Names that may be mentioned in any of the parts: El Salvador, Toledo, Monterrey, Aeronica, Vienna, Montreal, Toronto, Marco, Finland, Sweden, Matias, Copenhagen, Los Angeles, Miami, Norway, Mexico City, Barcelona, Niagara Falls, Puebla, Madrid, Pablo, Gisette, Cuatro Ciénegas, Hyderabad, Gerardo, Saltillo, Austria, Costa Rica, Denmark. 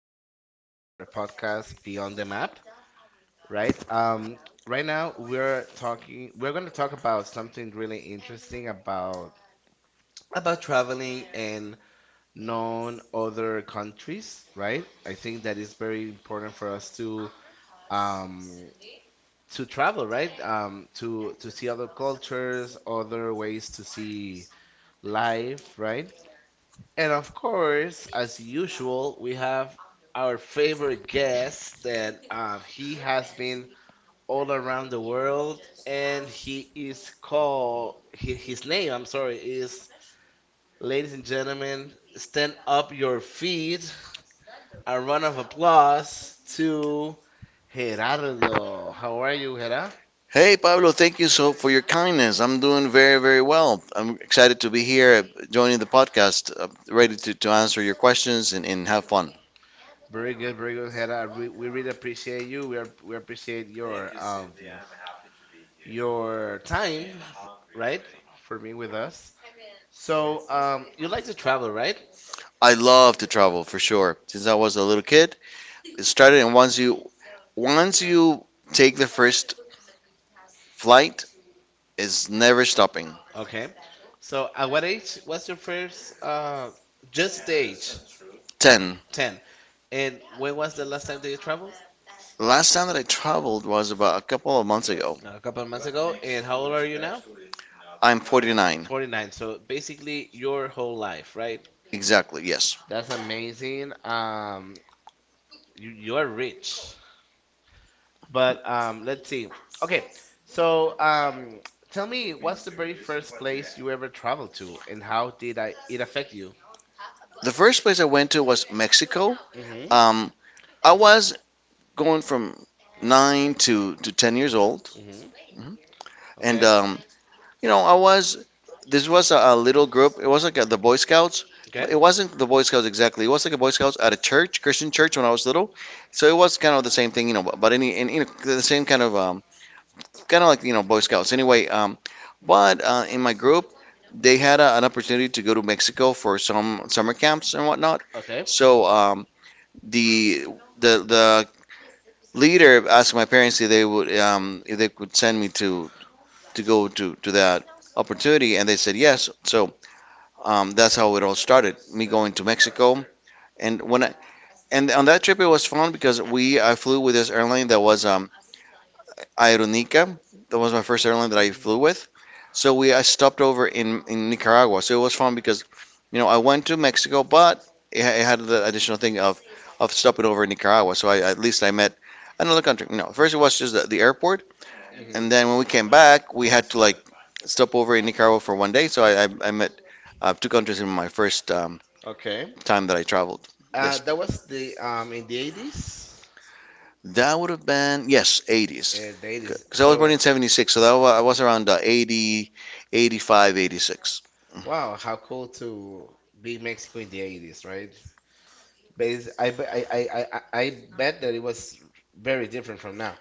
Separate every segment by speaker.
Speaker 1: being in our podcast Beyond the Map. Right, right now we're talking. We're going to talk about something really interesting about traveling and known other countries. Right, I think that is very important for us to um, travel. Right, to see other cultures, other ways to see life. Right. And of course, as usual, we have our favorite guest that he has been all around the world and he is called, his name, I'm sorry, is, ladies and gentlemen, stand up your feet. A round of applause to Gerardo. How are you, Gerardo?
Speaker 2: Hey Pablo, thank you so for your kindness. I'm doing very, very well. I'm excited to be here, joining the podcast, ready to answer your questions, and have fun.
Speaker 1: Very good, very good, Hera. We really appreciate you. We appreciate your yes, your time, right, for being with us. So, you like to travel, right?
Speaker 2: I love to travel for sure. Since I was a little kid, it started, and once you take the first flight, it's never stopping.
Speaker 1: Okay. So, at what age was your first, just the age,
Speaker 2: 10.
Speaker 1: 10. And when was the last time that you traveled?
Speaker 2: Last time that I traveled was about a couple of months ago.
Speaker 1: A couple of months ago. And how old are you now?
Speaker 2: I'm 49.
Speaker 1: 49. So basically your whole life, right?
Speaker 2: Exactly, yes.
Speaker 1: That's amazing. You are rich. But let's see. Okay, so tell me, what's the very first place you ever traveled to, and how did it affect you?
Speaker 2: The first place I went to was Mexico.
Speaker 1: Mm-hmm.
Speaker 2: Um, I was going from 9 to 10 years old.
Speaker 1: Mm-hmm.
Speaker 2: Mhm. And,
Speaker 1: Okay.
Speaker 2: you know, this was a little group. It was like the Boy Scouts. But
Speaker 1: Okay.
Speaker 2: it wasn't the Boy Scouts exactly. It was like a Boy Scouts at a church, Christian church, when I was little. So it was kind of the same thing, you know, you know, the same kind of like, you know, Boy Scouts. Anyway, but in my group, they had an opportunity to go to Mexico for some summer camps and whatnot.
Speaker 1: Okay.
Speaker 2: So the the later, I asked my parents if they would, if they could send me to go to that opportunity, and they said yes. So that's how it all started. Me going to Mexico, and when I, and on that trip it was fun because we I flew with this airline that was, Aeronica. That was my first airline that
Speaker 1: Mhm.
Speaker 2: I flew with. So we I stopped over in Nicaragua. So it was fun because, you know, I went to Mexico, but it had the additional thing of stopping over in Nicaragua. So I at least I met another country. You know, first it was just the airport, and
Speaker 1: Mhm.
Speaker 2: then when we came back, we had to like stop over in Nicaragua for 1 day. So I met, two countries in my first,
Speaker 1: Okay.
Speaker 2: time that I traveled. Yes.
Speaker 1: That was the in the 80s.
Speaker 2: That would have
Speaker 1: Uh,
Speaker 2: been, yes, 80s.
Speaker 1: the
Speaker 2: The 80s.
Speaker 1: eighties.
Speaker 2: Because I was born
Speaker 1: So.
Speaker 2: in 76, so I was around, 80, 85, 86.
Speaker 1: Wow, how cool to be in Mexico in the 80s, right? Bas I, be- I bet that it was very different from now.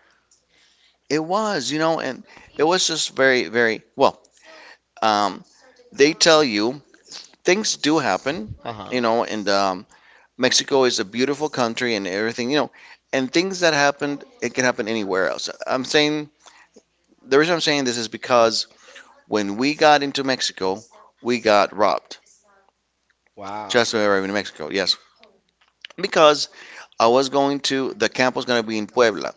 Speaker 2: It was, you know, and it was just very, very well. Um, they tell you things do happen,
Speaker 1: Uh-huh.
Speaker 2: you know, and, Mexico is a beautiful country and everything, you know, and things that happened, it can happen anywhere else. I'm saying The reason I'm saying this is because when we got into Mexico, we got robbed.
Speaker 1: Wow.
Speaker 2: Just when we were in Mexico, yes, because I was going to the camp was going to be in Puebla.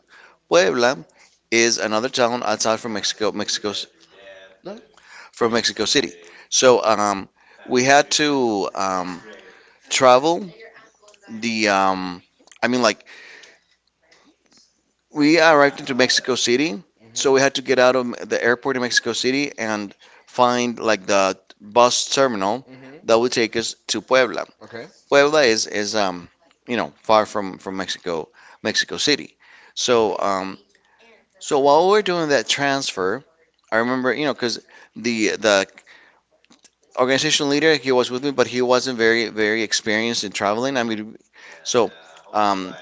Speaker 2: Puebla is another town outside from Mexico, Mexico
Speaker 1: No?
Speaker 2: from Mexico City. So we had to, travel the, I mean like we arrived into Mexico City, so
Speaker 1: Mm-hmm.
Speaker 2: we had to get out of the airport in Mexico City and find like the bus terminal
Speaker 1: Mm-hmm.
Speaker 2: that would take us to Puebla.
Speaker 1: Okay. Mhm.
Speaker 2: Puebla is you know, far from Mexico City. So while we were doing that transfer, I remember, you know, because the organization leader, he
Speaker 1: Mhm.
Speaker 2: was
Speaker 1: Mhm.
Speaker 2: with me, but he wasn't very very
Speaker 1: Mhm.
Speaker 2: experienced in traveling. I mean, so um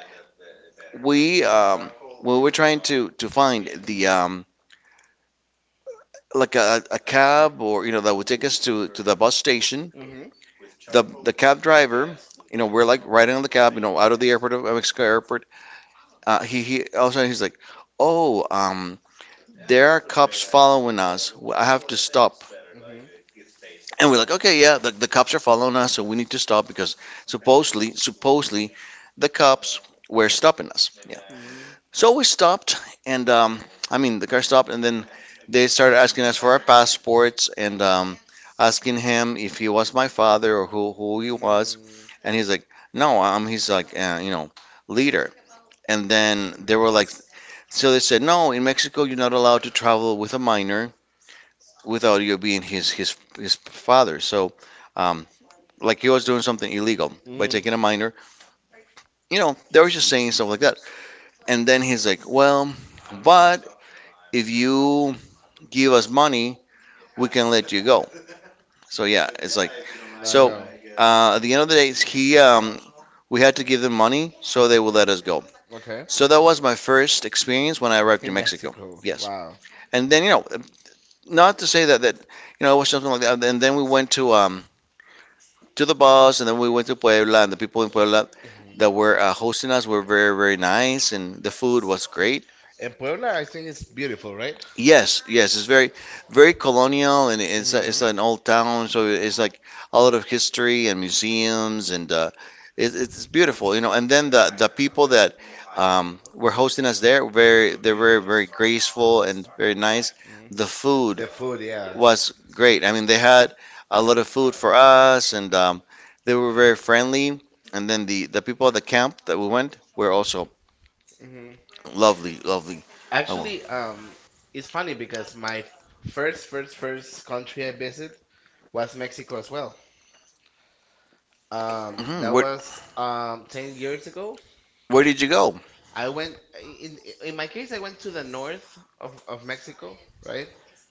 Speaker 2: we um we were trying to find the like a cab, or, you know, that would take us to the bus station.
Speaker 1: Mhm. Mhm.
Speaker 2: The cab driver, you know, we're like riding on the cab, you know, out of the airport of Mexico airport. He's like, oh, there are cops following us. I have to stop.
Speaker 1: Mhm.
Speaker 2: And we're like, okay, yeah, the cops are following us, so we need to stop because supposedly the cops were stopping us. So we stopped, and, the car stopped, and then they started asking us for our passports and, asking him if he was my father or who he was. And he's like, no, I'm he's like, you know, leader. And then they were like, so they said, no, in Mexico, you're not allowed to travel with a minor without you being his father. So, um, like he was doing something illegal by taking a minor. You know, they were just saying stuff like that. And then he's like, well, but if you give us money, we can let you go. So yeah, it's like,
Speaker 1: I
Speaker 2: so,
Speaker 1: know.
Speaker 2: At the end of the day, he we had to give them money
Speaker 1: Mhm.
Speaker 2: so they would let us go.
Speaker 1: Okay.
Speaker 2: So that was my
Speaker 1: First.
Speaker 2: first experience when I arrived
Speaker 1: In
Speaker 2: in
Speaker 1: the
Speaker 2: Mexico.
Speaker 1: Mexico. Yes.
Speaker 2: Yes,
Speaker 1: Wow.
Speaker 2: and then, you know, not to say that you know, it was something like that. And then we went to, to the bus, and then we went to Puebla, and the people in Puebla
Speaker 1: Mhm.
Speaker 2: that were, hosting us were very very nice, and the food was great.
Speaker 1: And Puebla, I think it's beautiful, right?
Speaker 2: Yes, yes, it's very, very
Speaker 1: Very
Speaker 2: colonial, and it's it's
Speaker 1: nice. Mhm.
Speaker 2: an old town, so it's like a lot of history and museums, and, it's beautiful, you know. And then the people that, were hosting us there, very they're very very graceful and very nice.
Speaker 1: So. Mhm.
Speaker 2: The food
Speaker 1: The food, yeah.
Speaker 2: was great. I mean, they had a lot of food for us, and, they were very friendly. And then the people at the camp that we went were also
Speaker 1: Hmm.
Speaker 2: lovely, lovely. Oh, well.
Speaker 1: Actually, it's funny because my first country I visited was Mexico as well.
Speaker 2: Mhm,
Speaker 1: That
Speaker 2: we're-
Speaker 1: was 10 years ago.
Speaker 2: Where did you go?
Speaker 1: I went in my case. I went to the north of Mexico, right?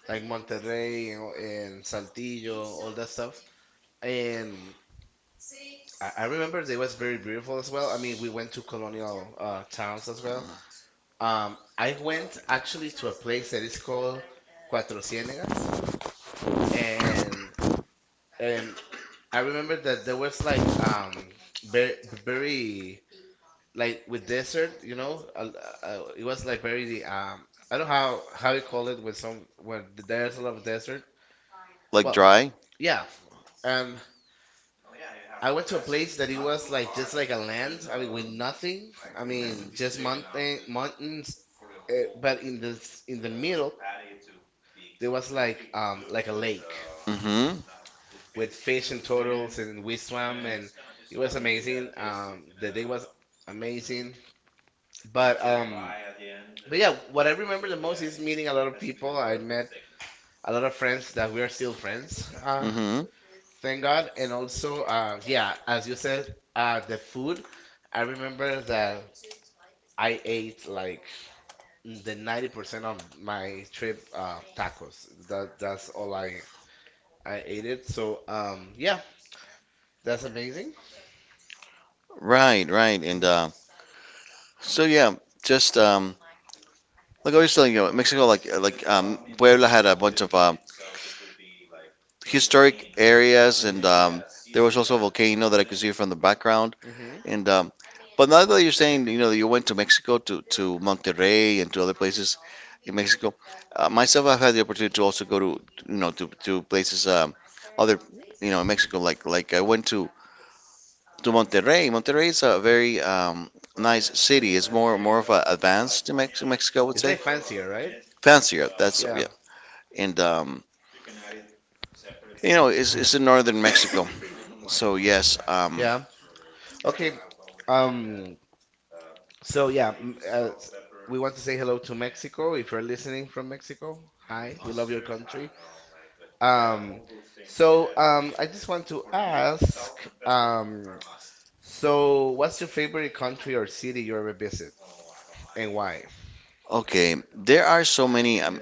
Speaker 1: Like Monterrey and Saltillo, all that stuff. And I remember they was very beautiful as well. I mean, we went to colonial towns as well. I went actually to a place that is called Cuatro Ciénegas, and um, I remember that there was like very very, like, with desert, it was like very I don't know how you call it when some when there's a lot of desert.
Speaker 2: Like
Speaker 1: Well,
Speaker 2: dry?
Speaker 1: yeah, and I went to a place that it was like just like a land. I mean, with nothing. I mean, just mountains, but in the middle there was like a lake
Speaker 2: Mm-hmm.
Speaker 1: with fish and turtles, and we swam, and it was amazing. The day was amazing. But um, but yeah, what I remember the most is meeting a lot of people. I met a lot of friends that we are still friends. Uh,
Speaker 2: Mm-hmm.
Speaker 1: thank God. And also, yeah, as you said, the food. I remember that I ate like the 90% of my trip tacos. That's all I ate it. So yeah, that's amazing.
Speaker 2: Right, right. And,
Speaker 1: Mhm.
Speaker 2: so yeah, just, like I was telling you, Mexico, Puebla had a bunch of, historic areas, and,
Speaker 1: Mhm.
Speaker 2: there was also a volcano that I could see from the background.
Speaker 1: Mhm.
Speaker 2: And, but now that you're saying, you know, that you went to Mexico to Monterrey and to other places in Mexico, myself, I've had the opportunity to also go to, you know, to places, other you know, in Mexico, like I went to Monterrey. Monterrey is a very, nice city. It's more of a advanced to Mexico, I would
Speaker 1: It's
Speaker 2: say.
Speaker 1: like fancier, right?
Speaker 2: Fancier. That's
Speaker 1: Yeah,
Speaker 2: yeah. And, you know, it's in northern Mexico. So yes.
Speaker 1: yeah. Okay. Um. So yeah, we want to say hello to Mexico. If you're listening from Mexico, hi. We love your country. Um. So I just want to ask. Um. So what's your favorite country or city you ever visit, and why?
Speaker 2: Okay. There are so many,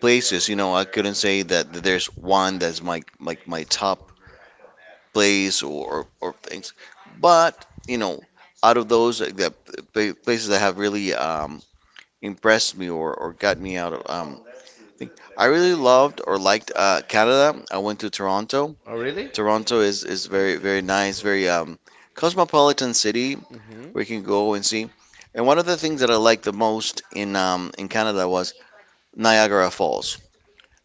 Speaker 2: places. You know, I couldn't say that there's one that's my like my top place, or things. But, you know, out of those, the places that have really, impressed me, or got me out of, thing. I really loved or liked, Canada. I went to Toronto.
Speaker 1: Oh, really?
Speaker 2: Toronto is very very nice, very, cosmopolitan city
Speaker 1: Mm-hmm.
Speaker 2: where you can go and see. And one of the things that I liked the most in, in Canada was Niagara Falls.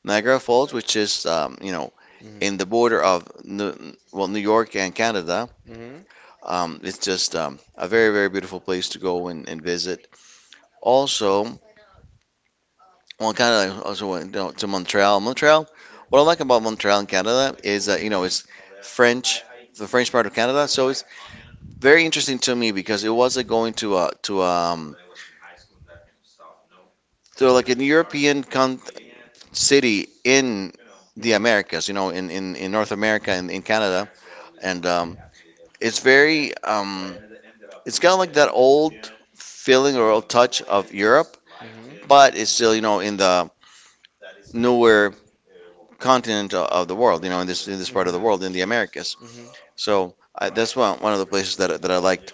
Speaker 2: Niagara Falls, which is, you know, in the
Speaker 1: Mm-hmm.
Speaker 2: border of New York and Canada,
Speaker 1: Mm-hmm.
Speaker 2: it's just, a very very beautiful place to go and, visit. Also, well, Canada, I also went down to Montreal. Montreal, what I like about Montreal in Canada is that, you know, it's French, the French part of Canada. So it's very interesting to me because it wasn't going to a, to to like an European city in the
Speaker 1: Mm-hmm.
Speaker 2: Americas, you know, in North America and in Canada. And, it's very, it's kind of like that old feeling or old touch of Europe,
Speaker 1: Mm-hmm.
Speaker 2: but it's still, you know, in the newer continent of the world, you know, in this part of
Speaker 1: Mm-hmm.
Speaker 2: the world, in the Americas.
Speaker 1: Mm-hmm.
Speaker 2: So that's one of the places that I liked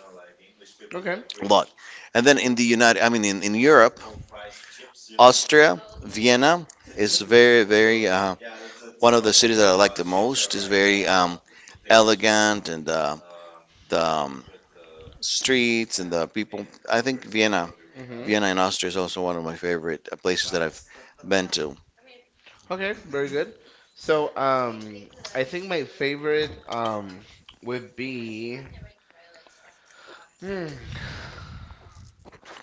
Speaker 1: Okay.
Speaker 2: a lot. And then in the United, I mean in, Europe, Austria, Vienna is very very, one of the cities that I like the most. Is very, elegant and, the, streets and the people. I think
Speaker 1: Mm-hmm.
Speaker 2: Vienna in Austria is also one of my favorite, places that I've been to.
Speaker 1: Okay, very good. So, I think my favorite would be hmm,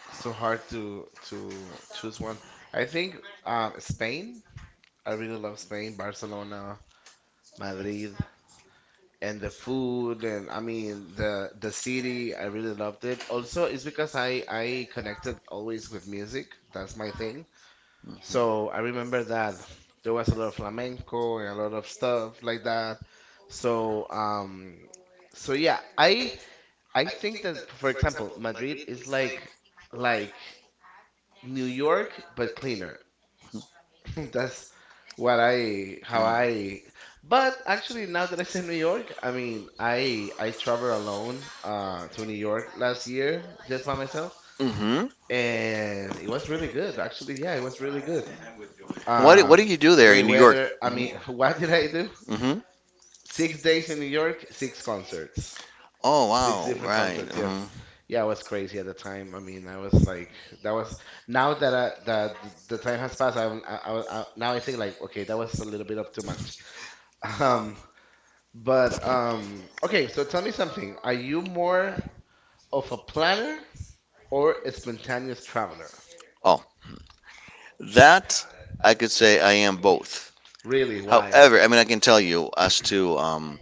Speaker 1: so hard to choose one. I think Spain. I really love Spain, Barcelona, Madrid, and the food, and I mean the city. I really loved it. Also, it's because I connected always with music. That's my thing. So I remember that there was a lot of flamenco and a lot of stuff like that. So yeah, I think that, for example, Madrid is like like New York but cleaner. That's what I, how I.
Speaker 2: Mm-hmm.
Speaker 1: But actually, now that I say New York, I mean, I traveled alone to New York last year, just by myself,
Speaker 2: Mm-hmm.
Speaker 1: and it was really good. Actually, yeah, it was really good.
Speaker 2: What do
Speaker 1: Um,
Speaker 2: you do there
Speaker 1: great
Speaker 2: in New York?
Speaker 1: weather. I
Speaker 2: Mm-hmm.
Speaker 1: mean, what did I do?
Speaker 2: Mm-hmm.
Speaker 1: 6 days in New York, six concerts,
Speaker 2: Oh
Speaker 1: six
Speaker 2: wow,
Speaker 1: different
Speaker 2: right.
Speaker 1: concerts.
Speaker 2: Hmm.
Speaker 1: Yes, yeah, I was crazy at the time. I mean, I was like, that was, now that the time has passed. I'm I, now I think like, okay, that was a little bit of too much. Um, but okay. So tell me something. Are you more of a planner or a spontaneous traveler?
Speaker 2: Oh, that I could say I am both.
Speaker 1: Really, why?
Speaker 2: However, I mean I can tell you as to,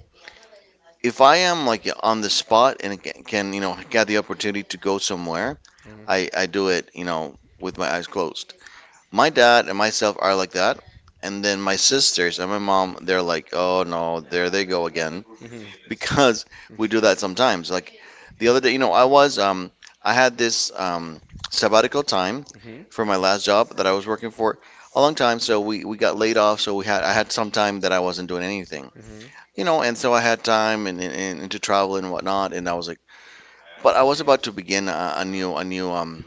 Speaker 2: if I am like on the spot and can, you know, get the opportunity to go somewhere,
Speaker 1: Mhm.
Speaker 2: I do it, you know, with my eyes closed. My dad and myself are like that, and then my sisters and my mom, they're like, oh no, there they go again.
Speaker 1: Mhm.
Speaker 2: Because we do that sometimes. Like the other day, you know, I had this, sabbatical time
Speaker 1: Mhm.
Speaker 2: for my last job that I was working for a long time, so we got laid off, so we had I had some time that I wasn't doing anything.
Speaker 1: Mhm.
Speaker 2: You know, and so I had time and to travel and whatnot, and I was like, but I was about to begin a, a new a new um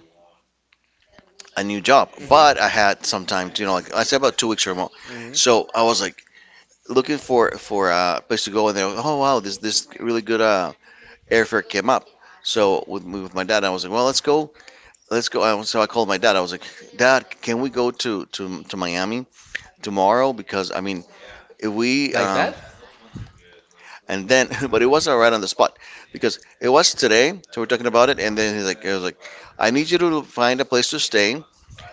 Speaker 2: a new job,
Speaker 1: Mm-hmm.
Speaker 2: but I had some time to, you know, like I said, about 2 weeks remote,
Speaker 1: Mm-hmm. like,
Speaker 2: so I was like looking for a place to go, and they're like, oh wow, this really good airfare came up. So with my dad, I was like, well, let's go, let's go. So I called my dad. I was like, Dad, can we go to Miami tomorrow? Because I mean, if we
Speaker 1: like, that?
Speaker 2: and then, but it wasn't right on the spot because it was today. So we're talking about it, and then he's like, I was like, I need you to find a place to stay.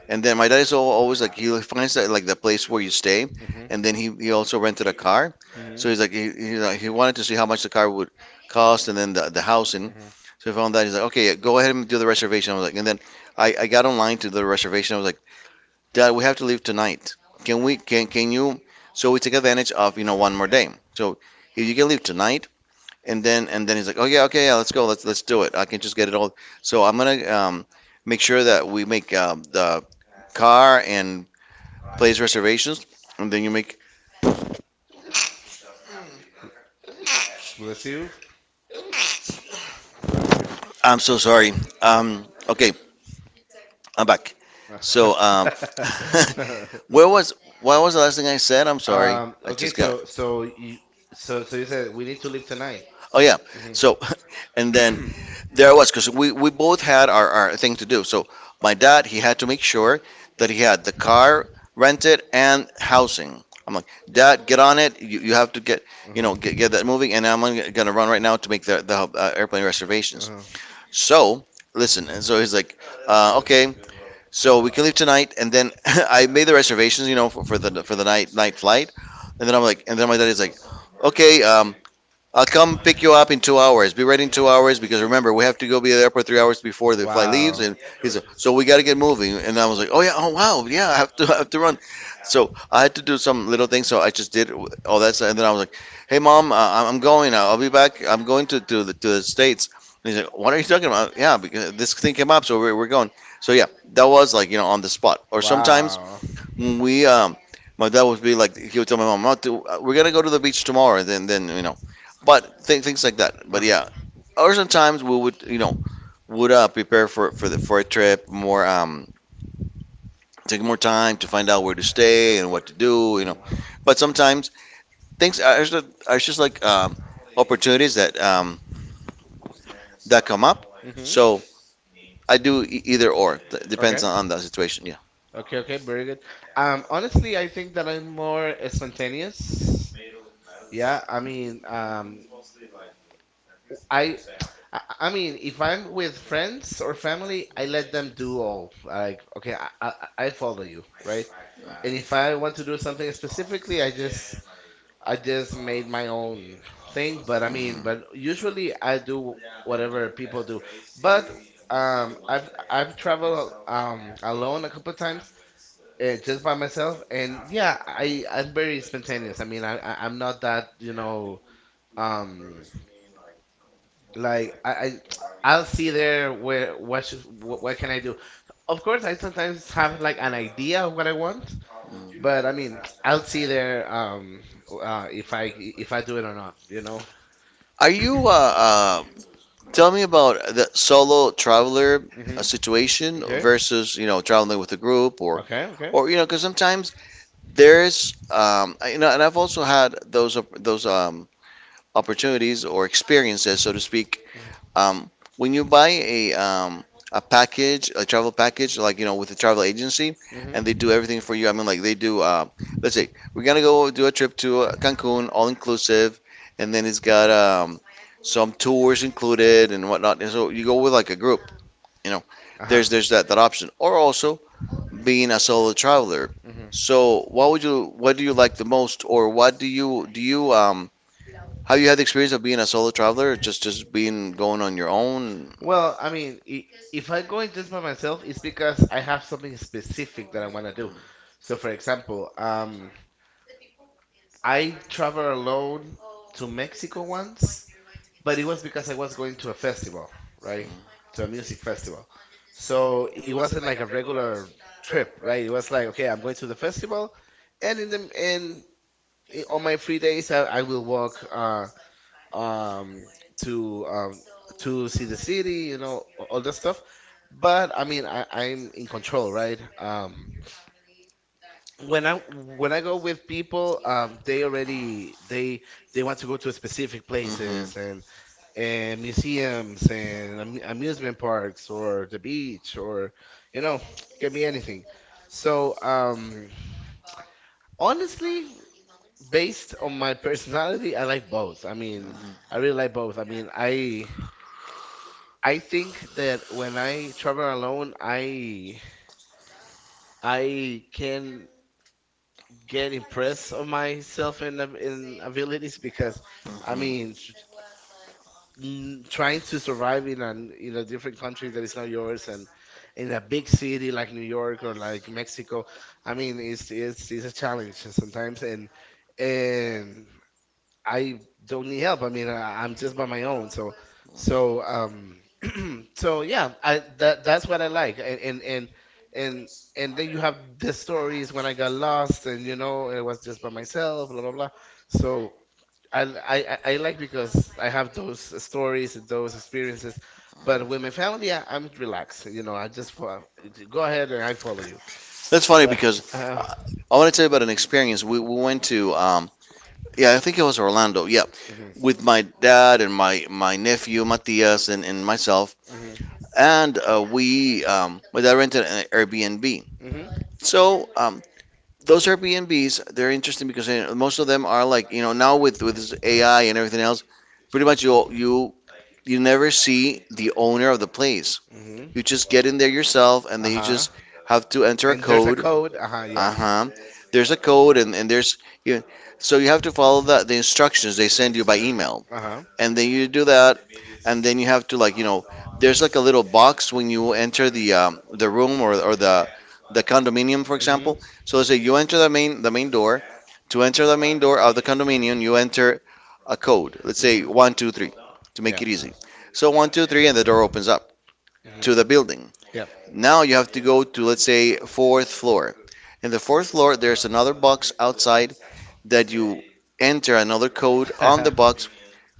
Speaker 2: And then my dad is always like he finds that like the place where you stay, and then
Speaker 1: Mm-hmm.
Speaker 2: he also rented a car, so
Speaker 1: Mm-hmm.
Speaker 2: he's like he wanted to see how much the car would cost, and then the housing.
Speaker 1: Mm-hmm.
Speaker 2: So he found that. He's like, okay, go ahead and do the reservation. I was like, and then I got online to the reservation. I was like, Dad, we have to leave tonight. Can we can you? So we take advantage of, you know, one more day. So if you can leave tonight, and then he's like, "Oh yeah, okay, yeah, let's go, let's do it. I can just get it all." So I'm gonna make sure that we make the car and place reservations, and then you make.
Speaker 1: Bless you. Bless you.
Speaker 2: I'm so sorry. Okay, I'm back. So um, where was what was the last thing I said? I'm sorry. I
Speaker 1: Okay.
Speaker 2: just got.
Speaker 1: So you said we need to leave tonight.
Speaker 2: Oh yeah.
Speaker 1: Mm-hmm.
Speaker 2: So and then there I was because we both had our thing to do. So my dad, he had to make sure that he had the car rented and housing. I'm like, Dad, get on it. You have to get, you
Speaker 1: Uh-huh.
Speaker 2: know, get that moving, and I'm gonna run right now to make the airplane reservations.
Speaker 1: Uh-huh.
Speaker 2: So listen, and so he's like, okay, so we can leave tonight. And then I made the reservations, you know, for the night flight, and then I'm like, and then my dad is like, okay, I'll come pick you up in 2 hours. Be ready in 2 hours because remember we have to go be at the airport 3 hours before the flight leaves.
Speaker 1: Wow.
Speaker 2: And he's like, so we got to get moving. And I was like, oh yeah, oh wow, yeah, I have to I have to run. So I had to do some little things. So I just did all that stuff. And then I was like, hey mom, I'm going. I'll be back. I'm going to, the, to the states. And he's like, what are you talking about? Yeah, because this thing came up, so we're going. So yeah, that was, like, you know, on the spot. Or sometimes
Speaker 1: Wow.
Speaker 2: when we my dad would be like, he would tell my mom, not to, we're gonna go to the beach tomorrow, then you know, but things like that, but yeah. Or sometimes we would, you know, would prepare for a trip more, take more time to find out where to stay and what to do, you
Speaker 1: Mm.
Speaker 2: know. But sometimes things are just like opportunities that that come up,
Speaker 1: Mm-hmm.
Speaker 2: so I do either or.
Speaker 1: Okay.
Speaker 2: Depends on the situation, yeah.
Speaker 1: Okay, okay, very good. Honestly, I think that I'm more spontaneous. Yeah, I mean, I, if I'm with friends or family, I let them do all. Like, okay, I follow you, right? And if I want to do something specifically, I just made my own thing. But I mean, but usually I do whatever people do. But I've traveled alone a couple of times, just by myself, and yeah, I'm very spontaneous. I mean, I'm not that, um like, I'll see there, where what should, what can I do. Of course, I sometimes have like an idea of what I want,
Speaker 2: Mhm.
Speaker 1: but I mean, I'll see there, if I do it or not.
Speaker 2: Are you tell me about the solo traveler
Speaker 1: Mhm.
Speaker 2: situation
Speaker 1: Okay.
Speaker 2: versus, you know, traveling with a group? or
Speaker 1: Okay. Okay.
Speaker 2: or you know, because sometimes there's you know, and I've also had those opportunities or experiences, so to speak, um, when you buy a package, a travel package, like, you know, with a travel agency,
Speaker 1: Mhm.
Speaker 2: and they do everything for you. I mean, like they do. Let's say we're gonna go do a trip to Cancun, all inclusive, and then it's got some tours included and whatnot. And so you go with like a group, you know.
Speaker 1: Uh-huh.
Speaker 2: There's that option, or also being a solo traveler.
Speaker 1: Hmm.
Speaker 2: So what would you, what do you like the most, or what do you, do you have you had the experience of being a solo traveler, just being going on your own?
Speaker 1: Well, I mean, if I'm going just by myself, it's because I have something specific that I want to do. So, for example, I traveled alone to Mexico once, but it was because I was going to a festival, right? To a music festival. So it wasn't like a regular trip, right? It was like, okay, I'm going to the festival, and in the, on my free days, I will walk, um, to um, to see the city, all that stuff. But I mean, I'm in control, right? When I go with people, they already they want to go to specific
Speaker 2: Hmm. And,
Speaker 1: places and museums and am amusement parks or the beach or, you know, it could be anything. So honestly, based on my personality, I like both. I mean, I really like both. I mean, I think that when I travel alone, I can get impressed of myself in abilities because, I mean, trying to survive in an, in a different country that is not yours, and in a big city like New York or like Mexico, I mean, it's a challenge sometimes, and and. I don't need help. I mean, I'm just by my own. So, so, um, so yeah, I that that's what I like. And and then you have the stories when I got lost, and, it was just by myself, blah blah blah. So I like because I have those stories, and those experiences. But with my family, I'm relaxed. You know, I just go ahead and I follow you.
Speaker 2: that's funny
Speaker 1: Right.
Speaker 2: because
Speaker 1: Uh,
Speaker 2: I want to tell you about an experience. We went to, yeah, I think it was Orlando. Yeah,
Speaker 1: mhm,
Speaker 2: with my dad and my nephew Matias and myself,
Speaker 1: mhm,
Speaker 2: and we my dad rented an Airbnb.
Speaker 1: mhm,
Speaker 2: So those Airbnbs, they're interesting because you, most of them are, like, you know, now with this AI and everything else, pretty much you
Speaker 1: mhm,
Speaker 2: you you never see the owner of the place.
Speaker 1: mhm,
Speaker 2: You just get in there yourself, and then you
Speaker 1: uh-huh.
Speaker 2: just have to enter a
Speaker 1: And there's a
Speaker 2: code.
Speaker 1: code. Uh huh. Yeah.
Speaker 2: Uh-huh. There's a code, and there's you, so you have to follow the instructions they send you by email,
Speaker 1: Uh huh.
Speaker 2: and then you do that, and then you have to, like, you know, there's like a little box when you enter the room, or the condominium, for
Speaker 1: Mhm.
Speaker 2: example. So let's say you enter the main door. To enter the main door of the condominium, you enter a code. Let's say
Speaker 1: Mhm.
Speaker 2: 1 2 3 to make
Speaker 1: Yeah.
Speaker 2: it easy. So 1 2 3, and the door opens up
Speaker 1: Mhm.
Speaker 2: to the building.
Speaker 1: Yeah.
Speaker 2: Now you have to go to, let's say, fourth floor. In the fourth floor, there's another box outside that you enter another code on the box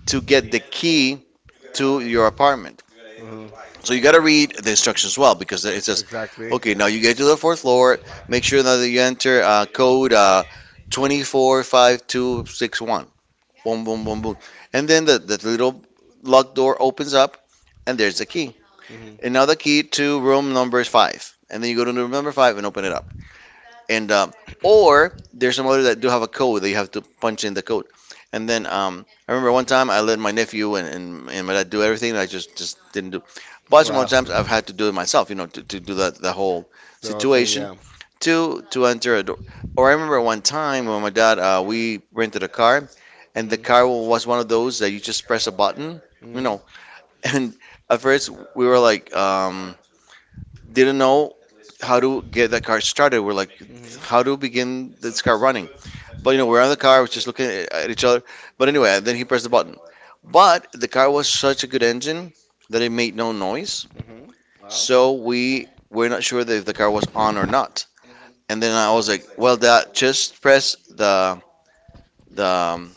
Speaker 2: to get the key to your apartment.
Speaker 1: Mhm.
Speaker 2: So you got to read the instructions well, because it says,
Speaker 1: Exactly.
Speaker 2: okay, now you get to the fourth floor. Make sure that you enter code 245261. Boom, boom, boom, boom. And then the little locked door opens up, and there's the key.
Speaker 1: Mhm.
Speaker 2: And now the key to room number five. And then you go to room number five and open it up and or there's some others that do have a code, that you have to punch in the code. And then I remember one time I let my nephew and my dad do everything, and I just didn't do. But some other
Speaker 1: Wow.
Speaker 2: times I've had to do it myself, you know, to do that the whole
Speaker 1: The whole thing.
Speaker 2: situation,
Speaker 1: Yeah.
Speaker 2: to enter a door. Or I remember one time when my dad we rented a car, and the
Speaker 1: Mhm.
Speaker 2: car was one of those that you just press a button, you
Speaker 1: Mhm.
Speaker 2: know. And at first we were like didn't know how to get that car started. We're like,
Speaker 1: Mhm.
Speaker 2: how to begin this car running? But you know, we're on the car, we're just looking at each other. But anyway, then he pressed the button. But the car was such a good engine that it made no noise.
Speaker 1: Mhm. Wow.
Speaker 2: So we were not sure that if the car was on or not. And then I was like, well, that, just press the the um,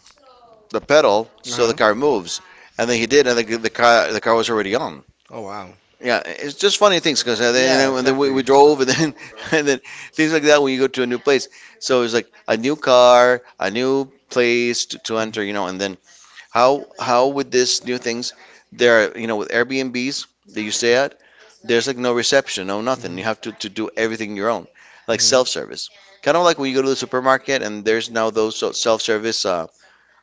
Speaker 2: the pedal
Speaker 1: Uh
Speaker 2: so the
Speaker 1: huh.
Speaker 2: car moves. And then he did, and the, the car was already on.
Speaker 1: Oh wow.
Speaker 2: Yeah, it's just funny things, because then, you
Speaker 1: Yeah.
Speaker 2: know, and then we
Speaker 1: Exactly.
Speaker 2: drove and then and then things like that when you go to a new place. So it's like a new car, a new place to
Speaker 1: Mhm.
Speaker 2: enter, you know, and then how with this new things there are, you know, with Airbnbs that you stay at, there's like no reception, no nothing. You
Speaker 1: Mhm.
Speaker 2: have to do everything your own, like
Speaker 1: Mhm.
Speaker 2: self-service. Kind of like when you go to the supermarket and there's now those self-service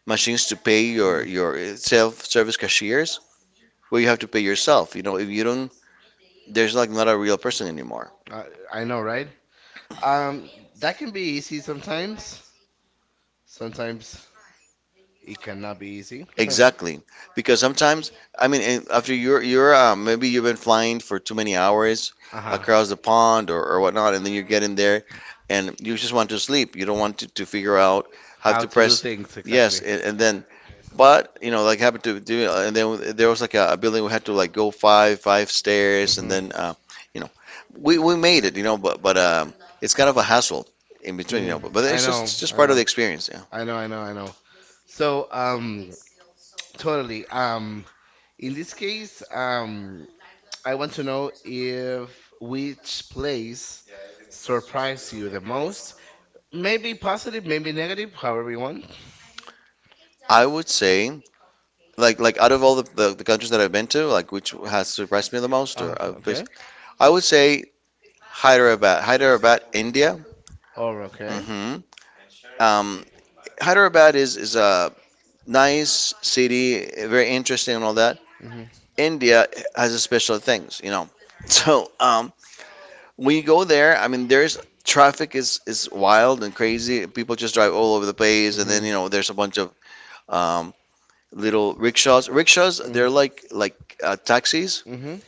Speaker 2: machines to pay your
Speaker 1: Mm.
Speaker 2: self-service cashiers, where you have to pay yourself. You know, if you don't, there's like not a real person anymore.
Speaker 1: I, I know, right? Um, that can be easy sometimes. Sometimes it cannot be easy.
Speaker 2: Exactly, because sometimes I mean, and after you're maybe you've been flying for too many hours
Speaker 1: Uh-huh.
Speaker 2: across the pond, or whatnot, and then you get in there and you just want to sleep. You don't want to figure out how
Speaker 1: How
Speaker 2: to
Speaker 1: to do
Speaker 2: press,
Speaker 1: things
Speaker 2: yes,
Speaker 1: exactly.
Speaker 2: and then but you know, like happened to do, and then there was like a building, we had to like go five stairs, and
Speaker 1: Mhm.
Speaker 2: then you know, we made it, you know, but it's kind of a hassle in between, you
Speaker 1: Mhm.
Speaker 2: know, but
Speaker 1: I know.
Speaker 2: it's just
Speaker 1: I
Speaker 2: part of the
Speaker 1: know.
Speaker 2: experience. Yeah,
Speaker 1: I know. I know. I know. So, totally. In this case, I want to know if which place surprised you the most. Maybe positive, maybe negative, however you want.
Speaker 2: I would say. Like out of all the countries that I've been to, like which has surprised me the most,
Speaker 1: Okay.
Speaker 2: I would say Hyderabad, Hyderabad, India.
Speaker 1: Or okay.
Speaker 2: Hmm. Um, Hyderabad is a nice city, very interesting and all that.
Speaker 1: Mhm.
Speaker 2: India has a special things, you know. So um, when you go there, I mean, there's traffic is wild and crazy. People just drive all over the place, and then
Speaker 1: Mhm.
Speaker 2: you know there's a bunch of um, little rickshaws. Rickshaws,
Speaker 1: Mhm.
Speaker 2: they're like taxis.
Speaker 1: Mhm.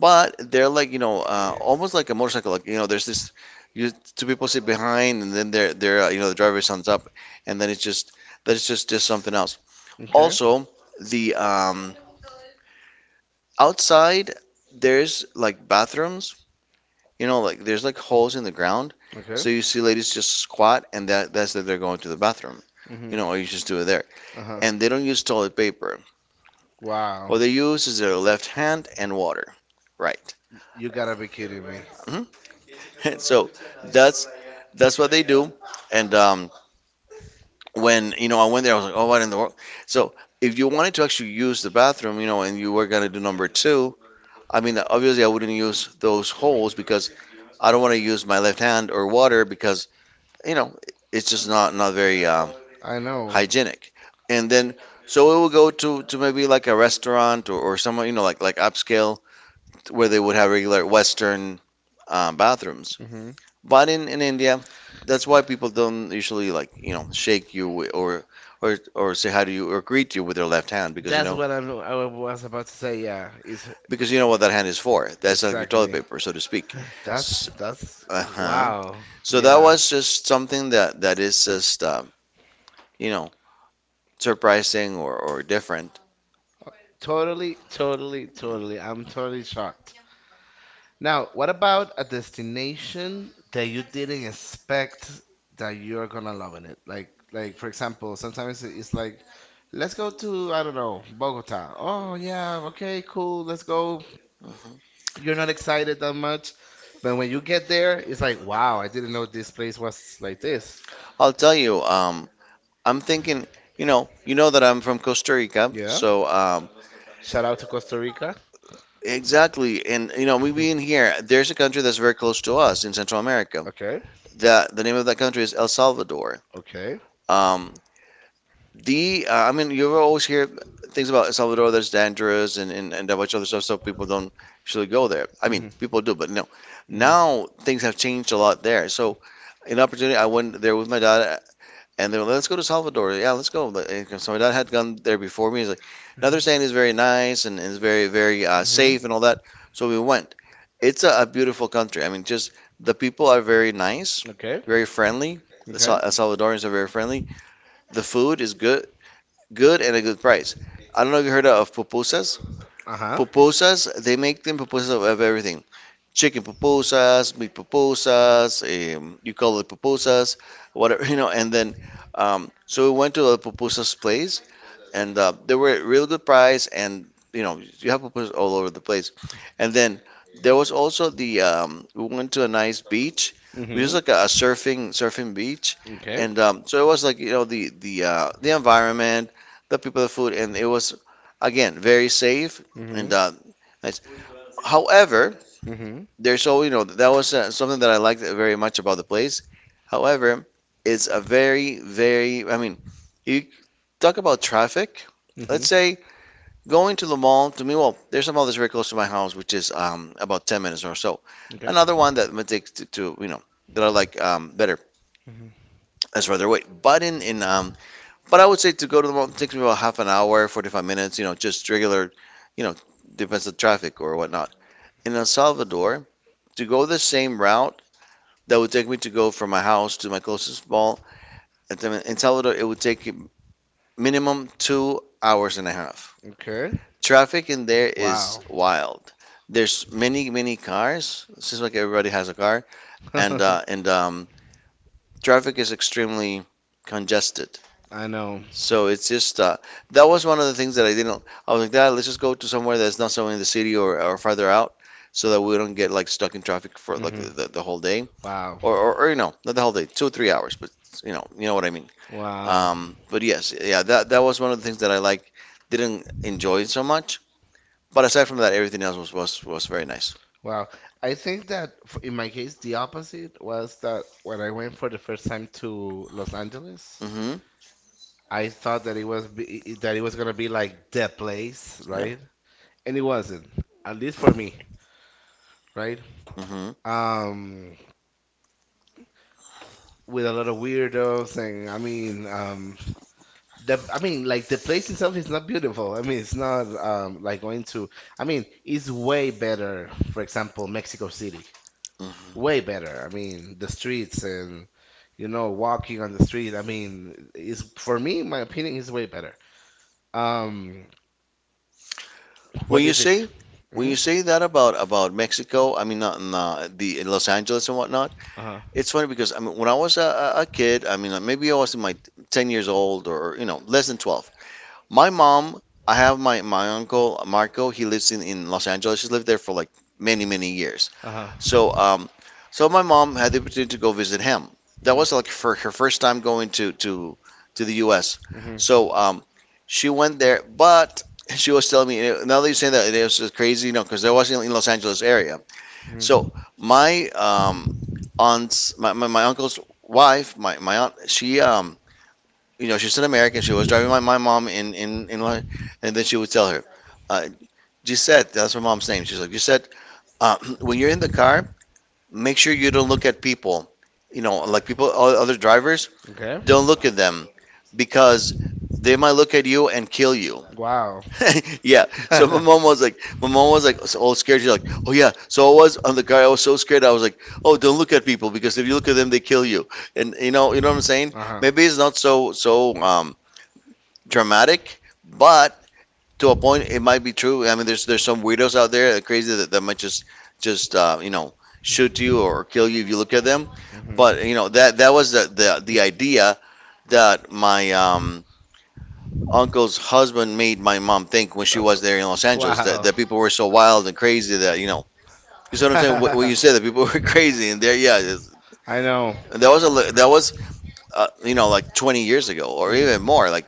Speaker 2: But they're like, you know, almost like a motorcycle. Like, you know, there's this, you two people sit behind, and then they're you know the driver stands up, and then it's just that's just something else.
Speaker 1: Okay.
Speaker 2: Also, the outside there's like bathrooms, you know, like there's like holes in the ground,
Speaker 1: Okay.
Speaker 2: so you see ladies just squat, and that that's that they're going to the bathroom, you
Speaker 1: Mhm.
Speaker 2: know, or you just do it there.
Speaker 1: Uh huh.
Speaker 2: And they don't use toilet paper.
Speaker 1: Wow.
Speaker 2: What they use is their left hand and water, right?
Speaker 1: You gotta be kidding me.
Speaker 2: Mm-hmm. so that's that's what they do. And When you know I went there, I was like, oh, what in the world? So if you wanted to actually use the bathroom, you know, and you were gonna do number two, I mean, obviously I wouldn't use those holes because I don't want to use my left hand or water because you know it's just not very
Speaker 1: I know.
Speaker 2: hygienic. And then so it would go to maybe like a restaurant or somewhere you know like upscale where they would have regular Western bathrooms.
Speaker 1: Hmm.
Speaker 2: But in India, that's why people don't usually like, you know, shake you wi- or or say hi to you or greet you with their left hand
Speaker 1: That's what I was about to say. Yeah, is
Speaker 2: because you know what that hand is for. That's like your toilet
Speaker 1: exactly.
Speaker 2: paper, so to speak.
Speaker 1: That's
Speaker 2: S-
Speaker 1: that's
Speaker 2: Uh-huh.
Speaker 1: wow.
Speaker 2: So that
Speaker 1: Yeah.
Speaker 2: was just something that that is just you know, surprising or different.
Speaker 1: Oh, totally, totally, totally. I'm totally shocked. Now, what about a destination that you didn't expect that you're gonna love in it? Like, for example, sometimes it's like, let's go to, I don't know, Bogota. Oh yeah, okay, cool. Let's go.
Speaker 2: Mhm.
Speaker 1: You're not excited that much, but when you get there, it's like, wow, I didn't know this place was like this.
Speaker 2: I'll tell you, I'm thinking, you know that I'm from Costa Rica,
Speaker 1: Yeah. Shout out to Costa Rica.
Speaker 2: exactly, and you know, me being here, there's a country that's very close to us in Central America,
Speaker 1: Okay.
Speaker 2: the name of that country is El Salvador.
Speaker 1: Okay.
Speaker 2: Um, the I mean, you always hear things about El Salvador that's dangerous and a bunch of other stuff, so people don't usually go there. I mean,
Speaker 1: hmm
Speaker 2: people do, but no.
Speaker 1: hmm
Speaker 2: Now things have changed a lot there. So, an opportunity, I went there with my dad and they're like, let's go to Salvador. Yeah, let's go. Like, so my dad had gone there before me. He's like, another saying is
Speaker 1: hmm
Speaker 2: very nice and is very
Speaker 1: hmm
Speaker 2: safe and all that. So we went. It's a beautiful country. I mean, just the people are very nice,
Speaker 1: Okay.
Speaker 2: very friendly. The Sa-
Speaker 1: Okay.
Speaker 2: uh, Salvadorians are very friendly. The food is good, good and a good price. I don't know if you heard of pupusas.
Speaker 1: Uh huh.
Speaker 2: Pupusas, they make them pupusas of everything, chicken pupusas, meat pupusas, you call it pupusas, whatever, you know. And then, so we went to a pupusas place, and they were at real good price, and you know, you have pupusas all over the place. And then there was also the we went to a nice beach, which
Speaker 1: hmm
Speaker 2: is like a surfing beach,
Speaker 1: Okay.
Speaker 2: and so it was like you know the the environment, the people, the food, and it was again very safe
Speaker 1: hmm
Speaker 2: and nice. However,
Speaker 1: hmm
Speaker 2: there's so you know that was something that I liked very much about the place. However, it's a very I mean, you talk about traffic.
Speaker 1: hmm
Speaker 2: Let's say going to the mall to me. Well, there's a mall that's very close to my house, which is about 10 minutes or so.
Speaker 1: Okay.
Speaker 2: Another one that might take to you know that I like better
Speaker 1: hmm
Speaker 2: as further away. But in but I would say to go to the mall takes me about half an hour, 45 minutes. You know, just regular. You know, depends on traffic or whatnot. In El Salvador, to go the same route that would take me to go from my house to my closest mall. In Salvador, it would take minimum 2 hours and a half.
Speaker 1: Okay.
Speaker 2: Traffic in there is
Speaker 1: Wow.
Speaker 2: wild. There's many, many cars. It seems like everybody has a car,
Speaker 1: I
Speaker 2: and traffic is extremely congested.
Speaker 1: know.
Speaker 2: So it's just that was one of the things that I didn't. I was like, Dad, let's just go to somewhere that's not so in the city or farther out, so that we don't get like stuck in traffic for like
Speaker 1: hmm
Speaker 2: the whole day,
Speaker 1: Wow.
Speaker 2: or you know, not the whole day, 2 or 3 hours, but you know what I mean.
Speaker 1: Wow.
Speaker 2: But yes, yeah, that that was one of the things that I like didn't enjoy it so much. But aside from that, everything else was very nice.
Speaker 1: Wow. I think that in my case, the opposite was that when I went for the first time to Los Angeles,
Speaker 2: Hmm.
Speaker 1: I thought that it that it was gonna be like the place,
Speaker 2: Yeah.
Speaker 1: right? And it wasn't, at least for me, right?
Speaker 2: Hmm.
Speaker 1: Um, with a lot of weirdos and I mean, the I mean like the place itself is not beautiful. I mean it's not like going to I mean It's way better, for example, Mexico City.
Speaker 2: Hmm.
Speaker 1: Way better. I mean the streets and you know walking on the street. Is for me my opinion is way better. Um what
Speaker 2: When
Speaker 1: do
Speaker 2: you
Speaker 1: you think?
Speaker 2: say when
Speaker 1: hmm
Speaker 2: you say that about Mexico, I mean not in, the in Los Angeles and whatnot,
Speaker 1: Uh-huh.
Speaker 2: it's funny because I mean when I was a kid, I mean like, maybe I was in my 10 years old or you know less than 12. My mom, I have my uncle Marco. He lives in Los Angeles. He's lived there for like many years.
Speaker 1: Uh-huh.
Speaker 2: So, so my mom had the opportunity to go visit him. That
Speaker 1: Mhm.
Speaker 2: was like for her first time going to the U.S. So, she went there, but she was telling me now that you say that it was just crazy, you know, because there wasn't in Los Angeles area.
Speaker 1: Mhm.
Speaker 2: So
Speaker 1: Mhm.
Speaker 2: my uncle's wife, my aunt, she you know, she's an American. She was driving my mom and then she would tell her, uh, Gisette, that's my mom's name. She's like, Gisette, when you're in the car, make sure you don't look at people. You know, like people, other drivers,
Speaker 1: Okay.
Speaker 2: don't look at them because they might look at you and kill you.
Speaker 1: Wow.
Speaker 2: Yeah. So my mom was like, my mom was like, so all scared. She's like, oh yeah. So I was on the car. I was so scared. I was like, oh, don't look at people because if you look at them, they kill you. And you know what I'm saying?
Speaker 1: Uh-huh.
Speaker 2: Maybe it's not so so dramatic, but to a point it might be true. I mean, there's some weirdos out there that are crazy that, that might just you know shoot you or kill you if you look at them.
Speaker 1: f- hmm
Speaker 2: But you know that that was the the,
Speaker 1: Mm.
Speaker 2: the idea that my
Speaker 1: idea.
Speaker 2: uncle's husband made my mom think when she
Speaker 1: Uh,
Speaker 2: was there in Los Angeles that,
Speaker 1: wow.
Speaker 2: that people were so wild and crazy that you know you see what I'm saying when
Speaker 1: I
Speaker 2: you say that people were crazy and there yeah it's-
Speaker 1: I know.
Speaker 2: and that was that was you know like 20 years ago or even
Speaker 1: Mhm.
Speaker 2: more like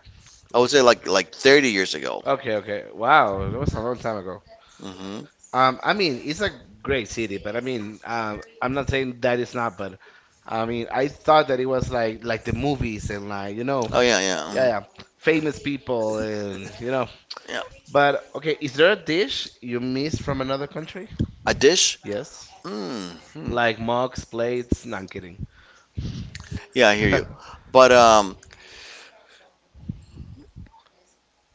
Speaker 2: I would say like 30 years ago.
Speaker 1: Okay, okay. Wow, that was a long time ago.
Speaker 2: Hmm.
Speaker 1: I mean, it's a great city, but I mean, I'm not saying that it's not, but I mean, I thought that it was like the movies and like you know,
Speaker 2: Oh yeah, yeah.
Speaker 1: yeah, yeah,
Speaker 2: Mhm.
Speaker 1: famous people and you.
Speaker 2: Yeah.
Speaker 1: But okay, is there a dish you miss from another country?
Speaker 2: A dish?
Speaker 1: Yes.
Speaker 2: Mm-hmm.
Speaker 1: Like mugs, plates. No, I'm kidding.
Speaker 2: Yeah, I hear you. But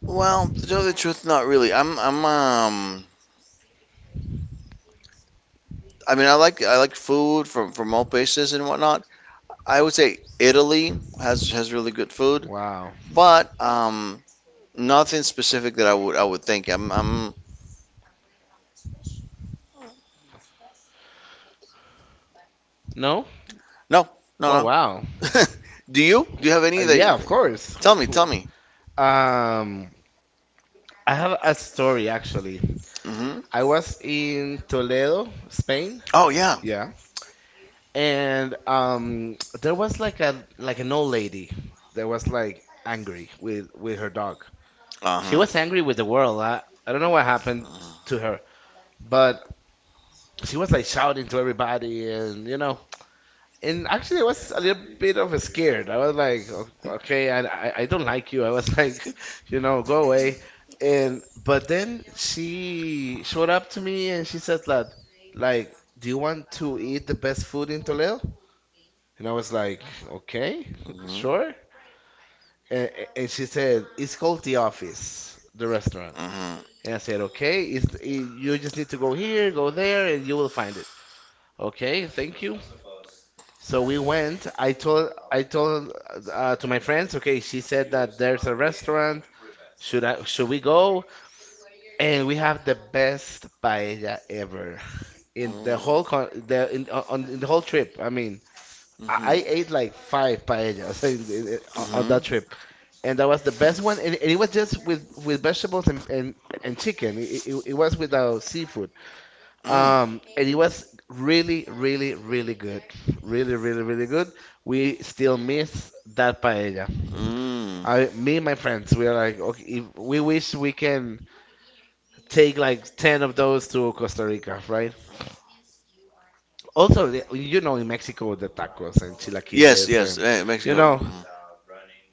Speaker 2: well, to tell the truth, not really. I mean, I like food from all places and whatnot. I would say Italy has really good food,
Speaker 1: Wow.
Speaker 2: but nothing specific that I would think. I'm
Speaker 1: No?
Speaker 2: no
Speaker 1: Oh
Speaker 2: no no.
Speaker 1: wow.
Speaker 2: Do you have any
Speaker 1: Yeah, of
Speaker 2: that?
Speaker 1: course.
Speaker 2: Tell me, tell me.
Speaker 1: Um, I have a story actually.
Speaker 2: Hmm.
Speaker 1: I was in Toledo, Spain.
Speaker 2: Oh yeah.
Speaker 1: Yeah, and there was like a an old lady that was like angry with her dog. She was
Speaker 2: Uh-huh.
Speaker 1: angry with the world. I don't know what happened to her, but she was like shouting to everybody, and you know. And actually, I was a little bit of a scared. I was like, okay, I don't like you." I was like, you know, "Go away." And but then she showed up to me and she said that, like, "Do you want to eat the best food in Toledo?" And I was like, "Okay,
Speaker 2: Mm-hmm.
Speaker 1: sure." And, and she said, "It's called The Office, the restaurant."
Speaker 2: Mm-hmm.
Speaker 1: And I said, "Okay, it's, it, you just need to go here, go there, and you will find it. Okay, thank you." So we went. I told to my friends, "Okay, she said that there's a restaurant. Should we go?" And we have the best paella ever in the whole con the in on in the whole trip. I mean, I ate like five paellas on
Speaker 2: Mm-hmm.
Speaker 1: that trip. And that was the best one, and it was just with vegetables and chicken. It was without seafood. And it was really, really, really good. Really, really, really good. We still miss that paella.
Speaker 2: Mm.
Speaker 1: I, me and my friends, we are like, okay, if we wish we can take like 10 of those to Costa Rica, right? Also, you know, in Mexico, the tacos and yes,
Speaker 2: Yes,
Speaker 1: chilaquiles
Speaker 2: yes,
Speaker 1: and,
Speaker 2: eh,
Speaker 1: you
Speaker 2: Mexico.
Speaker 1: know,
Speaker 2: Mm-hmm.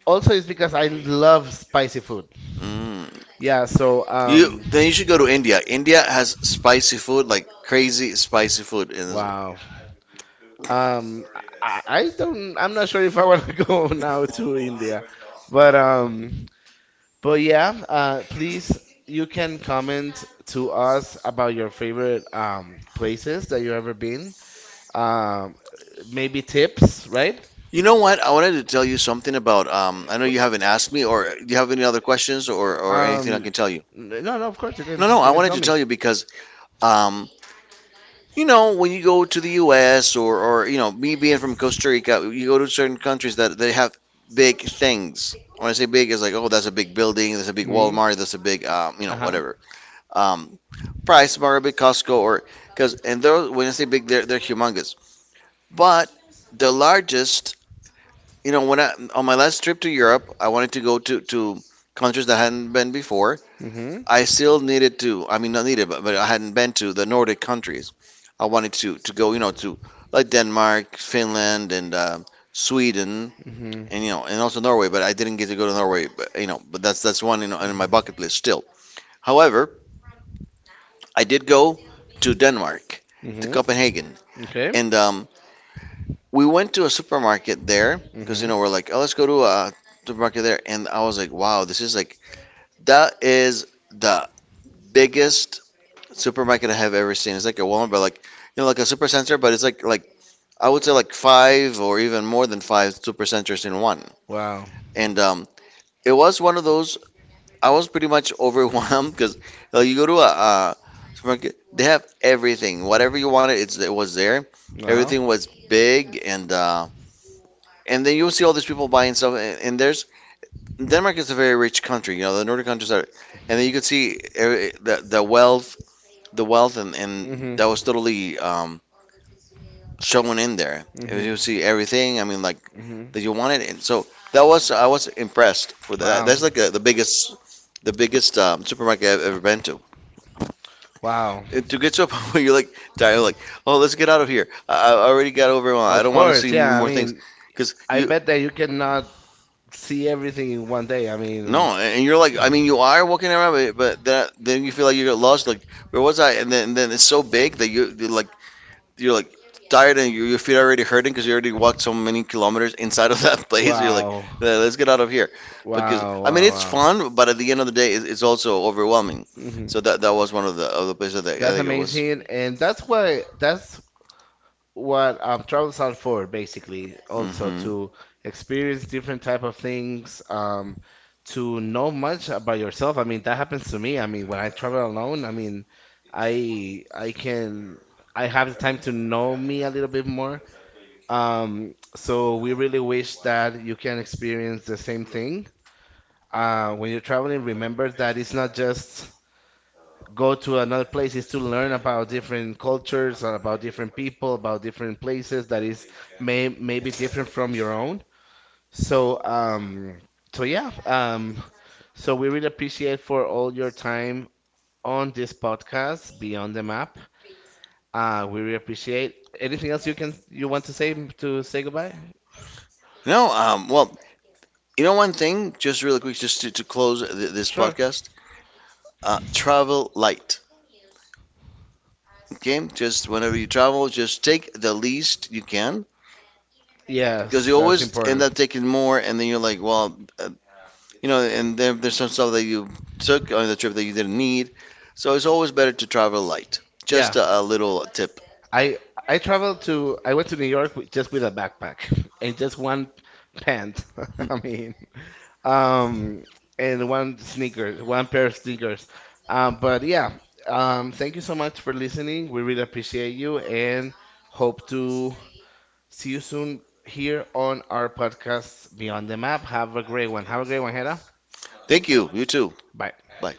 Speaker 1: also it's because I love spicy food.
Speaker 2: Mm.
Speaker 1: Yeah, so, dude.
Speaker 2: You then you should go to India. India has spicy food, like crazy spicy food. And
Speaker 1: Wow. Um, I don't. I'm not sure if I want to go now to India, but um, but yeah. Please, you can comment to us about your favorite places that you've ever been. Um, maybe tips, right?
Speaker 2: you know what? I wanted to tell you something about. I know you haven't asked me, or do you have any other questions, or anything I
Speaker 1: Um,
Speaker 2: can tell you?
Speaker 1: no, no. Of course, you can.
Speaker 2: No, no.
Speaker 1: You
Speaker 2: I
Speaker 1: can
Speaker 2: wanted
Speaker 1: tell
Speaker 2: to
Speaker 1: me.
Speaker 2: tell you because um, you know, when you go to the U.S. or you know, me being from Costa Rica, you go to certain countries that they have big things. When I say big, it's like oh, that's a big building, that's a big
Speaker 1: Mm-hmm.
Speaker 2: Walmart, that's a big you know,
Speaker 1: Uh-huh.
Speaker 2: whatever. um, Price, Margaret, Costco, or because and those when I say big, they're humongous. But the largest, you know, when I on my last trip to Europe, I wanted to go to countries that I hadn't been before.
Speaker 1: Mm-hmm.
Speaker 2: I still needed to, I mean, not needed, but I hadn't been to the Nordic countries. I wanted to go, you know, to like Denmark, Finland, and Sweden,
Speaker 1: Mm-hmm.
Speaker 2: and you know, and also Norway. But I didn't get to go to Norway, but, you know, but that's one you know, on my
Speaker 1: hmm
Speaker 2: bucket list still. However, I did go to Denmark, to
Speaker 1: hmm
Speaker 2: Copenhagen, and we went to a supermarket there because
Speaker 1: hmm
Speaker 2: you know we're like, oh, let's go to a supermarket there, and I was like, wow, this is like that is the biggest supermarket I have ever seen. It's like a Walmart, but like you know, like a supercenter, but it's like I would say like five or even more than five supercenters in one,
Speaker 1: Wow.
Speaker 2: and it was one of those I was pretty much overwhelmed because you go to a supermarket, they have everything, whatever you wanted, it was there. Everything was big, and then you'll see all these people buying stuff. And there's Denmark is a very rich country, you know, the Nordic countries are, and then you could see every, the wealth, the wealth, and
Speaker 1: hmm
Speaker 2: that was totally shown in there.
Speaker 1: hmm
Speaker 2: You see everything. I mean, like
Speaker 1: hmm
Speaker 2: that you
Speaker 1: do
Speaker 2: wanted, and so that was I was impressed for that.
Speaker 1: Wow.
Speaker 2: That's like a, the biggest supermarket I've ever been
Speaker 1: Wow.
Speaker 2: it, to get to a point where you're like, dying, like, oh, let's get out of here. I already got overwhelmed. I don't want to see
Speaker 1: Yeah. I
Speaker 2: more things,
Speaker 1: mean,
Speaker 2: because
Speaker 1: I
Speaker 2: you,
Speaker 1: bet that you cannot see everything in one day. I No,
Speaker 2: no, and you're
Speaker 1: No.
Speaker 2: like, I mean, you are walking around, but that then you feel like you're lost. Like, where was I? And then it's so big that you, you're like tired and your feet are already hurting because you already walked so many kilometers inside of that place. You're like,
Speaker 1: Wow.
Speaker 2: "Yeah, let's get out of here, because
Speaker 1: Wow,
Speaker 2: I mean,
Speaker 1: wow,
Speaker 2: it's
Speaker 1: wow.
Speaker 2: fun, but at the end of the day, it's also overwhelming.
Speaker 1: hmm
Speaker 2: So that that was one of the places that I
Speaker 1: That's
Speaker 2: think it was.
Speaker 1: amazing, and that's why that's what travels are for, basically. Also
Speaker 2: Hmm.
Speaker 1: to experience different type of things, to know much about yourself. I mean, that happens to me. I mean, when I travel alone, I mean, I I can I have the time to know me a little bit more. So we really wish that you can experience the same thing. When you're traveling, remember that it's not just go to another place, it's to learn about different cultures or about different people, about different places that is may maybe different from your own. So so yeah, so we really appreciate for all your time on this podcast, Beyond the Map. We really appreciate. Anything else you want to say goodbye?
Speaker 2: No, well, you know, one thing, just really quick, just to close this
Speaker 1: Sure.
Speaker 2: podcast, travel light. Okay, just whenever you travel, just take the least you can because
Speaker 1: Yes,
Speaker 2: you
Speaker 1: that's
Speaker 2: always end
Speaker 1: important.
Speaker 2: up taking more, and then you're like, well, you know, and there, there's some stuff that you took on the trip that you didn't need. So it's always better to travel light.
Speaker 1: Yeah.
Speaker 2: Just a little tip.
Speaker 1: I I went to New York with, just with a backpack and just one pant.
Speaker 2: Hmm.
Speaker 1: I mean, um, and one sneakers, one pair of sneakers. But yeah, thank you so much for listening. We really appreciate you and hope to see you soon here on our podcast Beyond the Map. Have a great one. Have a great one, Hera.
Speaker 2: Thank you. You too.
Speaker 1: Bye.
Speaker 2: Bye.